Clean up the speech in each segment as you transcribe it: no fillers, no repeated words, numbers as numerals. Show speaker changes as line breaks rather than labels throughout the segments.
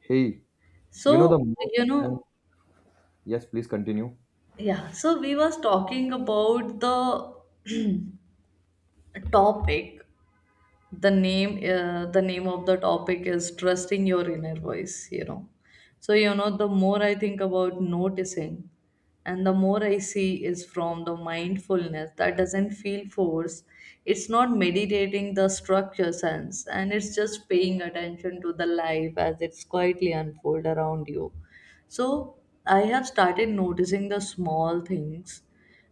Hey, you know the
So, you
uh,
know,
yes, please continue.
yeah, so, we was talking about the topic. The name of the topic is trusting your inner voice, you know. So, you know, the more I think about noticing and the more I see is from the mindfulness that doesn't feel force. It's not meditating the structure sense and it's just paying attention to the life as it's quietly unfold around you. So I have started noticing the small things.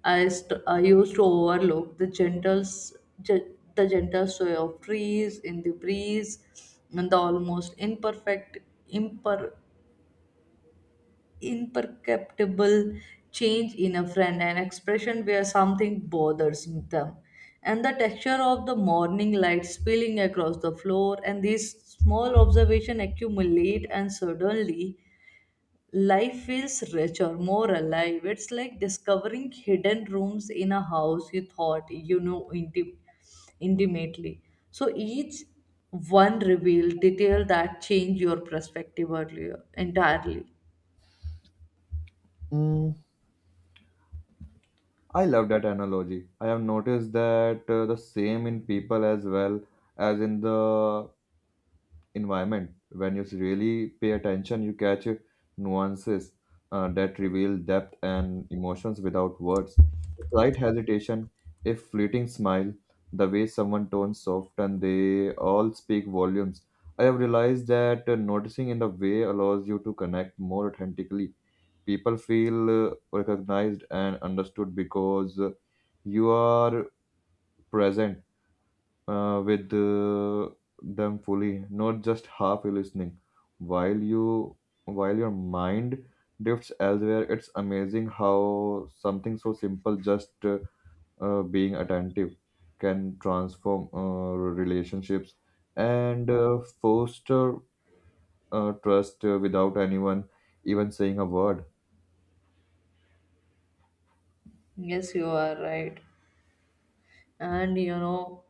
I used to overlook the the gentle sway of trees in the breeze, and the almost imper, imperceptible change in a friend, an expression where something bothers them, and the texture of the morning light spilling across the floor, and these small observations accumulate, and suddenly life feels richer, more alive. It's like discovering hidden rooms in a house you thought you know intimately. So each one revealed detail that changed your perspective earlier entirely.
Mm, I love that analogy. I have noticed that the same in people as well as in the environment. When you really pay attention, you catch nuances that reveal depth and emotions without words. Slight hesitation, a fleeting smile, the way someone turns soft, and they all speak volumes. I have realized that noticing in the way allows you to connect more authentically people feel recognized and understood because you are present with them fully not just half listening while your mind drifts elsewhere. It's amazing how something so simple just being attentive can transform relationships and foster trust without anyone even saying a word.
Yes, you are right. And you know,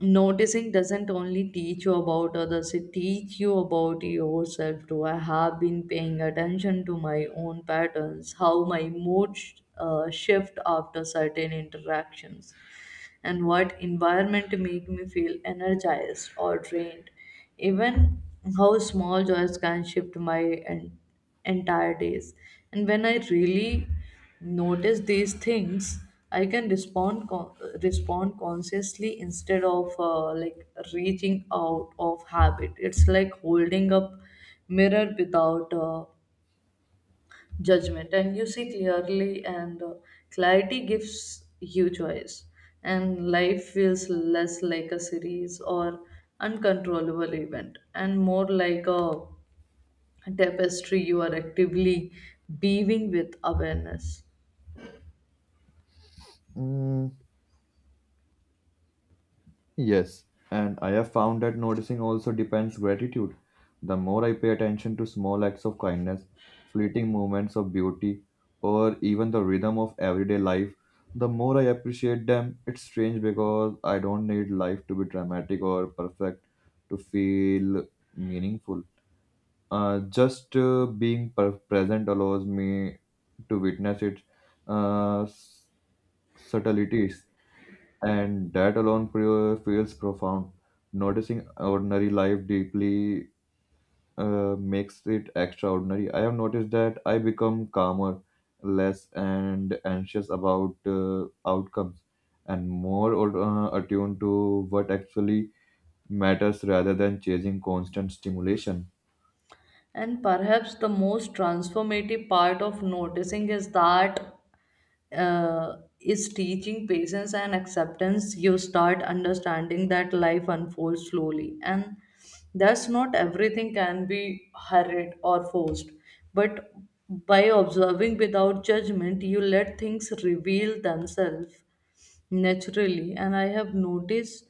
noticing doesn't only teach you about others, it teach you about yourself too. I have been paying attention to my own patterns, how my mood shift after certain interactions, and what environment make me feel energized or drained, even how small joys can shift my en- entire days. And when I really notice these things, I can respond consciously instead of, like, reaching out of habit. It's like holding up mirror without, judgment, and you see clearly, and, clarity gives you choice, and life feels less like a series or uncontrollable event and more like a tapestry you are actively weaving with awareness.
Mm, yes, and I have found that noticing also depends gratitude. The more I pay attention to small acts of kindness, fleeting moments of beauty, or even the rhythm of everyday life, the more I appreciate them. It's strange because I don't need life to be dramatic or perfect to feel meaningful. Just present allows me to witness its uh, s- subtleties, and that alone feels profound. Noticing ordinary life deeply makes it extraordinary. I have noticed that I become calmer, less and anxious about outcomes, and more attuned to what actually matters rather than chasing constant stimulation.
And perhaps the most transformative part of noticing is that, is teaching patience and acceptance. You start understanding that life unfolds slowly, and that's not everything can be hurried or forced. But by observing without judgment, you let things reveal themselves naturally, and I have noticed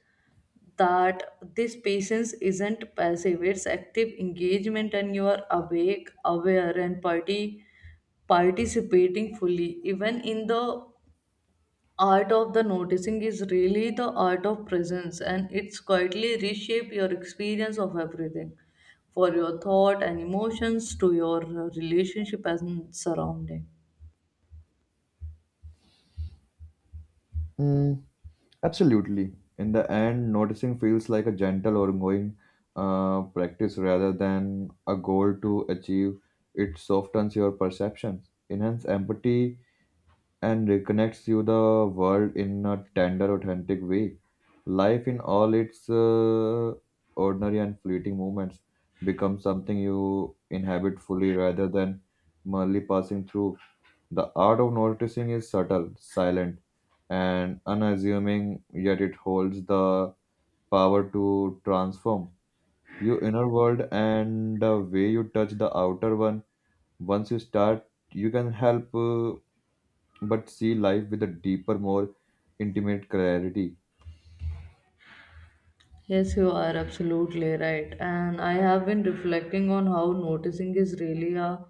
that this patience isn't passive, it's active engagement, and you are awake, aware, and party participating fully even in the art of the noticing is really the art of presence, and it's quietly reshape your experience of everything, for your thought and emotions to your, relationship and surrounding.
Hmm. Absolutely. In the end, noticing feels like a gentle ongoing practice rather than a goal to achieve. It softens your perceptions, enhances empathy, and reconnects you the world in a tender, authentic way. Life in all its ordinary and fleeting moments becomes something you inhabit fully rather than merely passing through. The art of noticing is subtle, silent and unassuming, yet it holds the power to transform your inner world and the way you touch the outer one. Once you start, you can help but see life with a deeper, more intimate clarity.
Yes, you are absolutely right. And I have been reflecting on how noticing is really a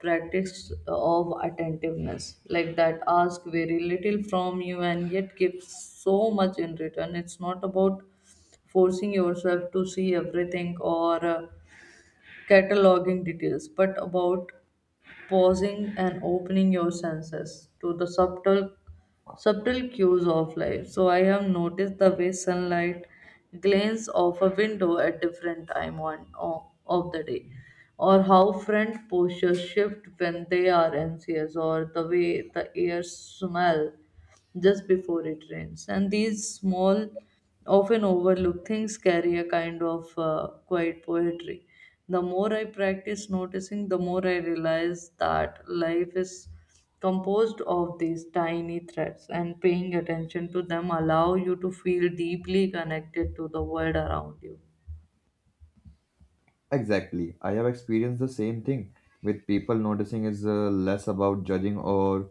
practice of attentiveness, like that ask very little from you and yet gives so much in return. It's not about forcing yourself to see everything or, cataloging details, but about pausing and opening your senses to the subtle cues of life. So I have noticed the way sunlight glints off a window at different time of the day, or how front postures shift when they are anxious, or the way the air smell just before it rains. And these small, often overlooked things carry a kind of, quiet poetry. The more I practice noticing, the more I realize that life is composed of these tiny threads, and paying attention to them allow you to feel deeply connected to the world around you.
Exactly. I have experienced the same thing with people noticing is less about judging or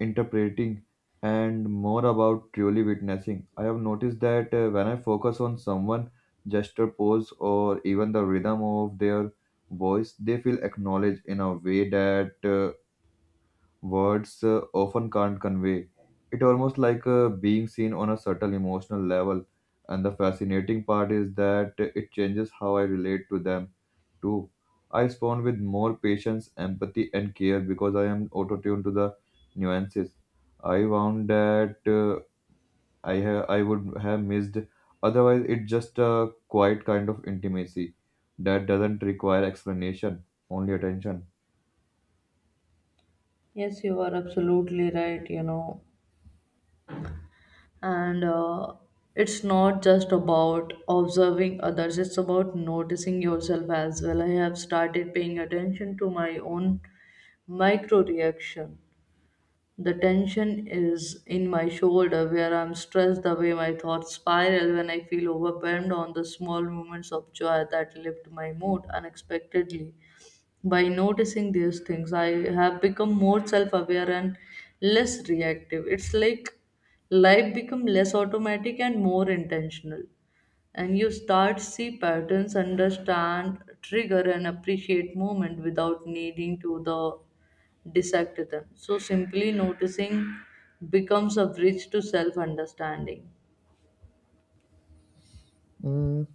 interpreting and more about truly witnessing. I have noticed that when I focus on someone, gesture, pose, or even the rhythm of their voice, they feel acknowledged in a way that words often can't convey. It almost like being seen on a subtle emotional level. And the fascinating part is that it changes how I relate to them too. I respond with more patience, empathy, and care because I am auto-tuned to the nuances. I found that I would have missed. Otherwise, it's just a quiet kind of intimacy that doesn't require explanation, only attention.
Yes, you are absolutely right, you know. And, it's not just about observing others, it's about noticing yourself as well. I have started paying attention to my own micro reaction. The tension is in my shoulder where I'm stressed, the way my thoughts spiral when I feel overwhelmed on the small moments of joy that lift my mood unexpectedly. By noticing these things, I have become more self aware and less reactive. It's like life become less automatic and more intentional, and you start see patterns, understand trigger, and appreciate moment without needing to the dissect them. So simply noticing becomes a bridge to self understanding.
Mm,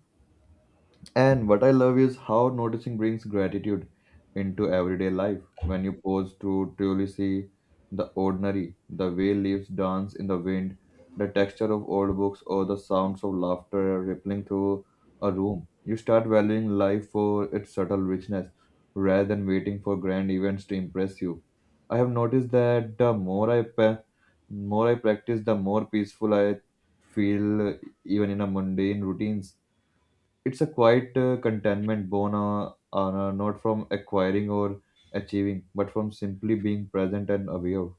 and what I love is how noticing brings gratitude into everyday life. When you pause to truly see the ordinary, the way leaves dance in the wind, the texture of old books, or the sounds of laughter rippling through a room, you start valuing life for its subtle richness rather than waiting for grand events to impress you. I have noticed that the more I pa- more I practice, the more peaceful I feel, even in a mundane routines. It's a quiet contentment born not from acquiring or achieving, but from simply being present and aware.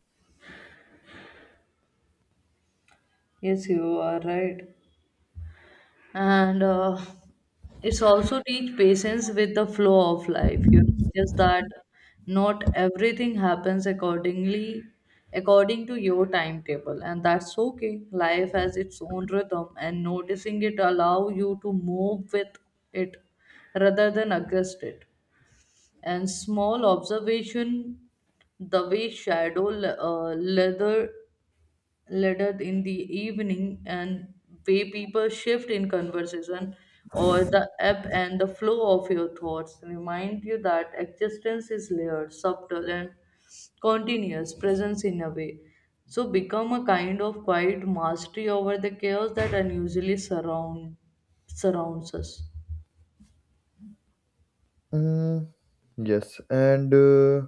Yes, you are right. And, it's also teach patience with the flow of life. You notice that not everything happens according to your timetable, and that's okay. Life has its own rhythm, and noticing it allow you to move with it rather than against it. And small observation, the way shadow leathered in the evening, and way people shift in conversation, or the ebb and the flow of your thoughts remind you that existence is layered, subtle, and continuous presence in a way, so become a kind of quiet mastery over the chaos that unusually surrounds us.
Mm, yes, and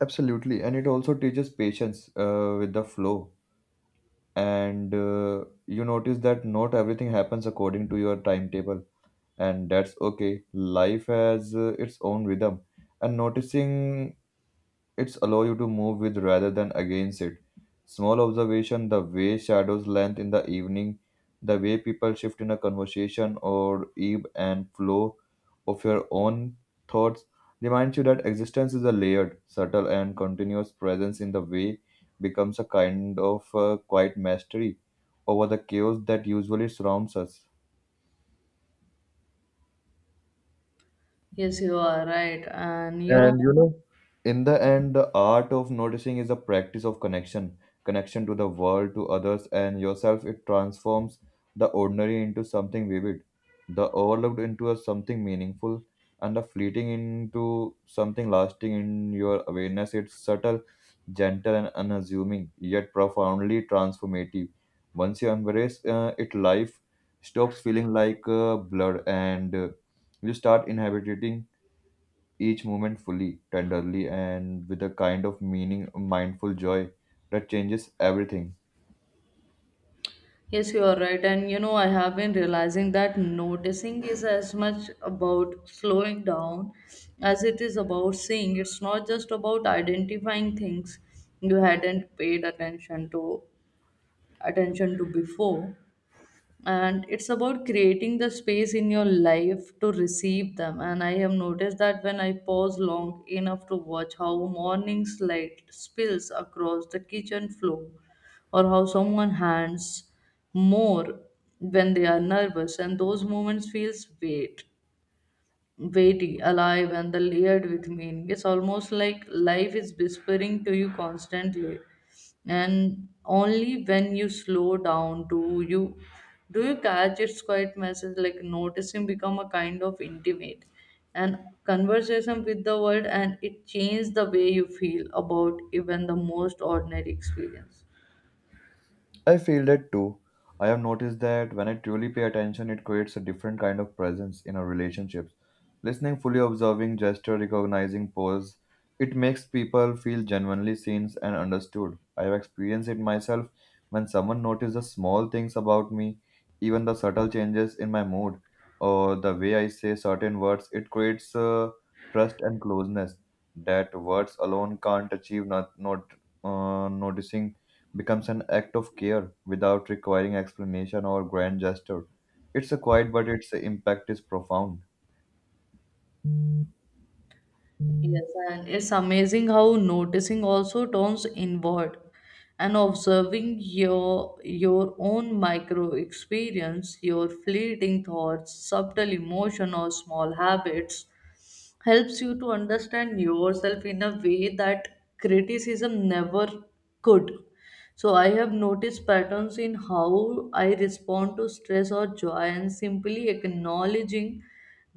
Absolutely, and it also teaches patience with the flow. And you notice that not everything happens according to your timetable, and that's okay. Life has its own rhythm, and noticing It's allow you to move with rather than against it. Small observation, the way shadows length in the evening, the way people shift in a conversation or ebb and flow of your own thoughts reminds you that existence is a layered, subtle and continuous presence in the way becomes a kind of quiet mastery over the chaos that usually surrounds us.
Yes, you are right, and you know.
And you know, in the end, the art of noticing is a practice of connection, connection to the world, to others, and yourself. It transforms the ordinary into something vivid, the overlooked into a something meaningful, and the fleeting into something lasting in your awareness. It's subtle, gentle, and unassuming, yet profoundly transformative. Once you embrace it, life stops feeling like blur and you start inhabiting each moment fully, tenderly, and with a kind of meaning, mindful joy that changes everything.
Yes, you are right. And you know, I have been realizing that noticing is as much about slowing down as it is about seeing. It's not just about identifying things you hadn't paid attention to before, and it's about creating the space in your life to receive them. And I have noticed that when I pause long enough to watch how morning's light spills across the kitchen floor, or how someone hands more when they are nervous, and those moments feels weighty, alive, and the layered with meaning. It's almost like life is whispering to you constantly, and only when you slow down do you catch its quiet message. Like noticing become a kind of intimate and conversation with the world, and it changed the way you feel about even the most ordinary experience.
I feel that too. I have noticed that when I truly pay attention, it creates a different kind of presence in our relationships. Listening, fully observing gesture, recognizing pose, it makes people feel genuinely seen and understood. I have experienced it myself when someone notices the small things about me, even the subtle changes in my mood or the way I say certain words. It creates trust and closeness that words alone can't achieve. Not not Noticing becomes an act of care without requiring explanation or grand gesture. It's a quiet, but its impact is profound.
Yes, and it's amazing how noticing also turns inward, and observing your own micro experience, your fleeting thoughts, subtle emotion, or small habits helps you to understand yourself in a way that criticism never could. So I have noticed patterns in how I respond to stress or joy, and simply acknowledging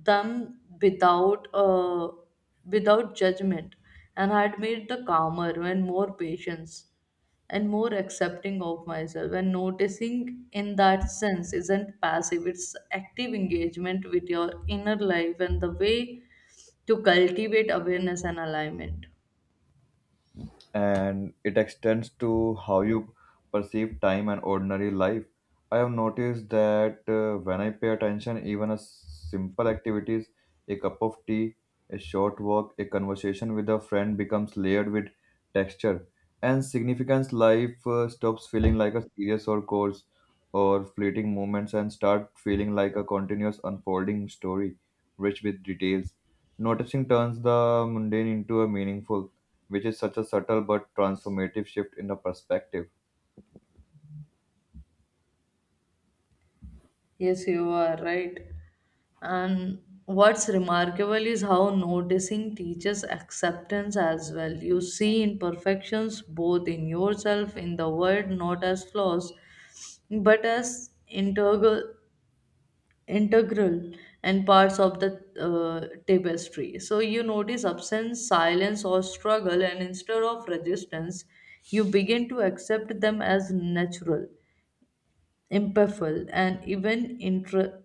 them without without judgment and had made the calmer and more patience and more accepting of myself. And noticing in that sense isn't passive, it's active engagement with your inner life and the way to cultivate awareness and alignment.
And it extends to how you perceive time and ordinary life. I have noticed that when I pay attention, even a simple activities, a cup of tea, a short walk, a conversation with a friend becomes layered with texture and significance. Life stops feeling like a serious or course or fleeting moments and start feeling like a continuous unfolding story rich with details. Noticing turns the mundane into a meaningful which is such a subtle but transformative shift in the perspective.
Yes, you are right, and what's remarkable is how noticing teaches acceptance as well. You see imperfections both in yourself, in the world, not as flaws, but as integral and parts of the, tapestry. So you notice absence, silence, or struggle, and instead of resistance, you begin to accept them as natural, impartial, and even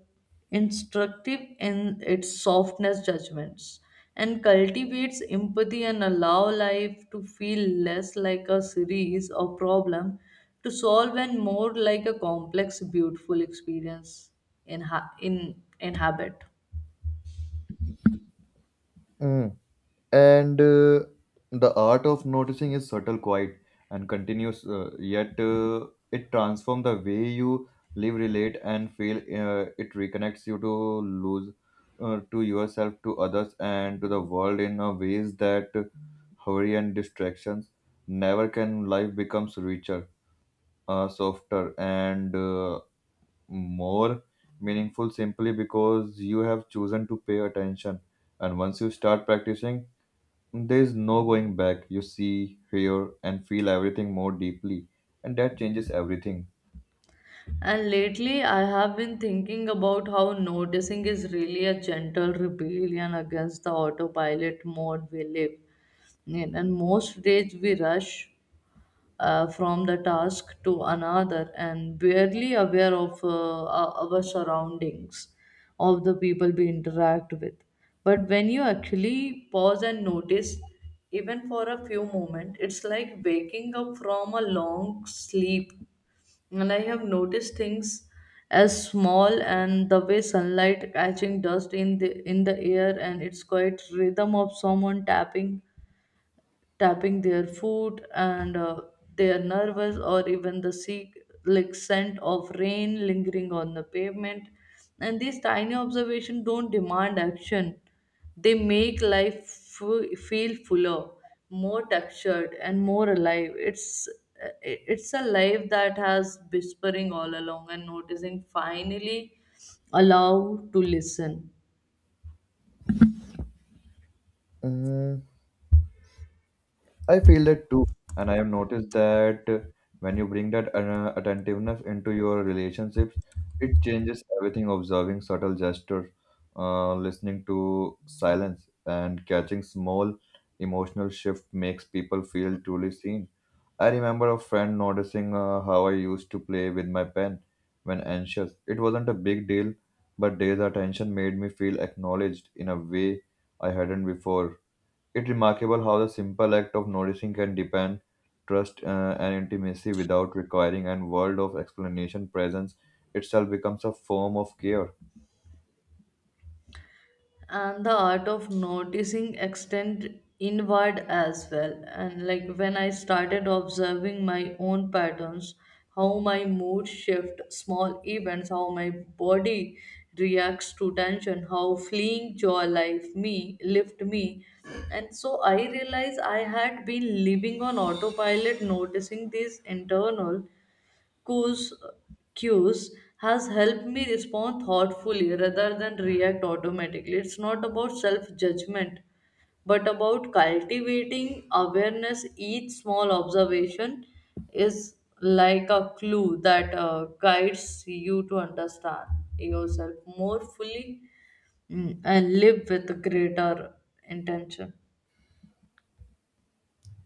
instructive in its softness judgments, and cultivates empathy, and allow life to feel less like a series of problem to solve and more like a complex, beautiful experience in habit.
Mm. And the art of noticing is subtle, quiet, and continuous, yet it transforms the way you live, relate, and feel. It reconnects you to lose to yourself, to others, and to the world in a ways that hurry and distractions never can. Life becomes richer, softer, and more meaningful simply because you have chosen to pay attention. And once you start practicing, there is no going back. You see, hear, and feel everything more deeply, and that changes everything.
And lately, I have been thinking about how noticing is really a gentle rebellion against the autopilot mode we live in. And most days, we rush, from the task to another and barely aware of, uh, our surroundings, of the people we interact with. But when you actually pause and notice, even for a few moments, it's like waking up from a long sleep. And I have noticed things as small and the way sunlight catching dust in the air, and its quiet rhythm of someone tapping their foot, and, they are nervous, or even the sea like scent of rain lingering on the pavement, and these tiny observations don't demand action, they make life feel fuller, more textured, and more alive. It's a life that has whispering all along, and noticing finally allow to listen.
Mm, I feel that too, and I have noticed that when you bring that attentiveness into your relationships, it changes everything. Observing subtle gestures, listening to silence, and catching small emotional shift makes people feel truly seen. I remember a friend noticing how I used to play with my pen when anxious. It wasn't a big deal, but Day's attention made me feel acknowledged in a way I hadn't before. It's remarkable how the simple act of noticing can depend trust and intimacy without requiring an world of explanation. Presence itself becomes a form of care.
And the art of noticing extend inward as well. And like when I started observing my own patterns, how my mood shift small events, how my body reacts to tension, how fleeing joy life me lift me. And so I realized I had been living on autopilot. Noticing these internal cues, cues has helped me respond thoughtfully rather than react automatically. It's not about self judgment, but about cultivating awareness. Each small observation is like a clue that, guides you to understand yourself more fully, mm, and live with greater intention.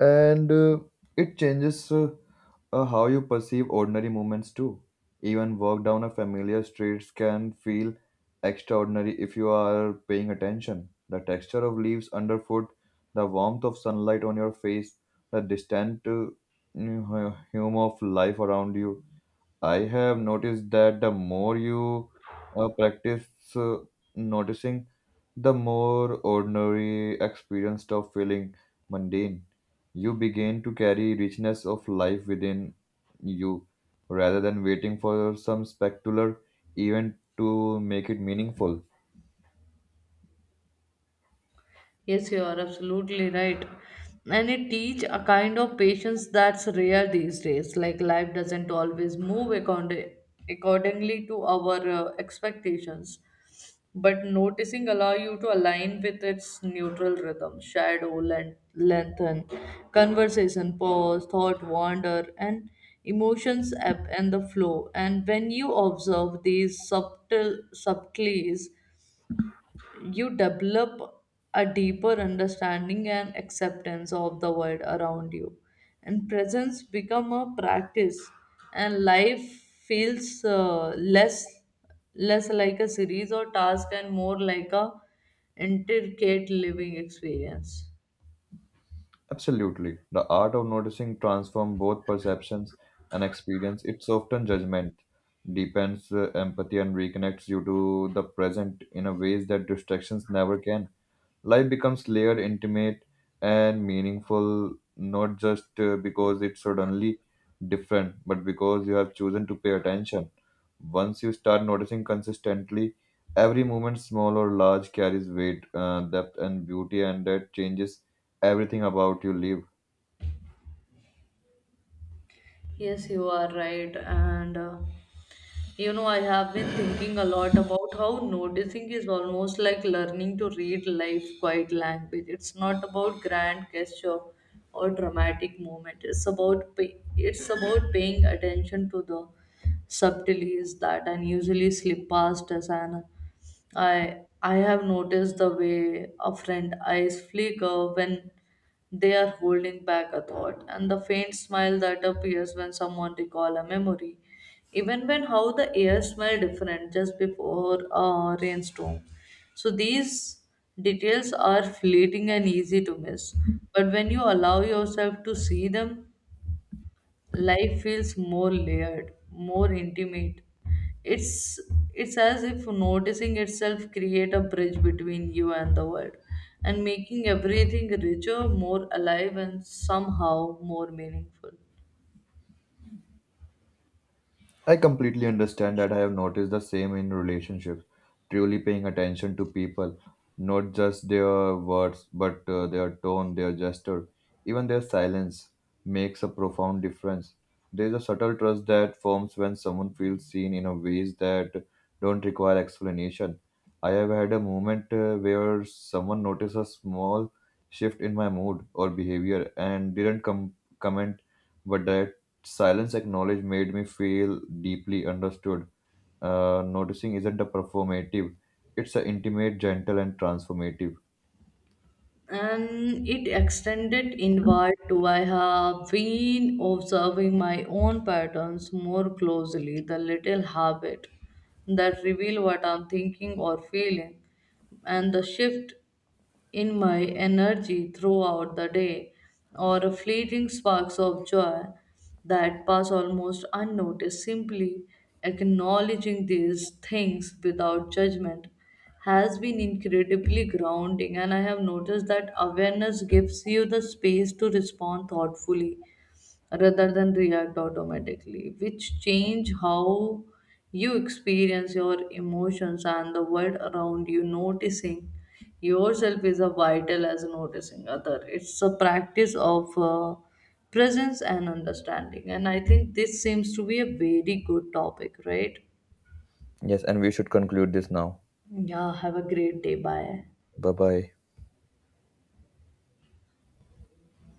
And it changes how you perceive ordinary moments too, even walk down a familiar street can feel extraordinary if you are paying attention, the texture of leaves underfoot, the warmth of sunlight on your face, the distant hum of life around you. I have noticed that the more you practice uh, noticing, the more ordinary experience of feeling mundane. You begin to carry richness of life within you rather than waiting for some spectacular event to make it meaningful.
Yes, you are absolutely right. And it teach a kind of patience that's rare these days. Like life doesn't always move accordingly to our, expectations. But noticing allow you to align with its neutral rhythm, shadow, length, lengthen, conversation, pause, thought, wander, and emotions ebb and the flow. And when you observe these subtle subtleties you develop a deeper understanding and acceptance of the world around you. And presence become a practice, and life feels, less like a series or task and more like a intricate living experience.
Absolutely. The art of noticing transforms both perceptions and experience. It's often judgment, deepens empathy, and reconnects you to the present in a ways that distractions never can. Life becomes layered, intimate, and meaningful, not just because it's suddenly different, but because you have chosen to pay attention. Once you start noticing consistently, every moment, small or large, carries weight, depth, and beauty, and that changes everything about you live.
Yes, you are right. And, you know, I have been thinking a lot about how noticing is almost like learning to read life quiet language. It's not about grand gesture or dramatic moment. It's about paying attention to the subtleties that unusually slip past us. And I have noticed the way a friend eyes flicker when they are holding back a thought, and the faint smile that appears when someone recall a memory. Even when how the air smelled different just before a rainstorm. So these details are fleeting and easy to miss. But when you allow yourself to see them, life feels more layered, more intimate. It's it's as if noticing itself create a bridge between you and the world, and making everything richer, more alive, and somehow more meaningful.
I completely understand that I have noticed the same in relationships, truly paying attention to people, not just their words, but their tone, their gesture, even their silence makes a profound difference. There is a subtle trust that forms when someone feels seen in a ways that don't require explanation. I have had a moment where someone noticed a small shift in my mood or behavior and didn't comment, but Silence acknowledged made me feel deeply understood. Noticing isn't a performative, it's an intimate, gentle, and transformative.
And it extended inward to. I have been observing my own patterns more closely, the little habit that reveal what I'm thinking or feeling, and the shift in my energy throughout the day, or fleeting sparks of joy that pass almost unnoticed. Simply acknowledging these things without judgment has been incredibly grounding, and I have noticed that awareness gives you the space to respond thoughtfully rather than react automatically, which change how you experience your emotions and the world around you. Noticing yourself is a vital as noticing other. It's a practice of, presence and understanding, and I think this seems to be a very good topic, right?
Yes, and we should conclude this now.
Yeah, have a great day. Bye.
Bye bye.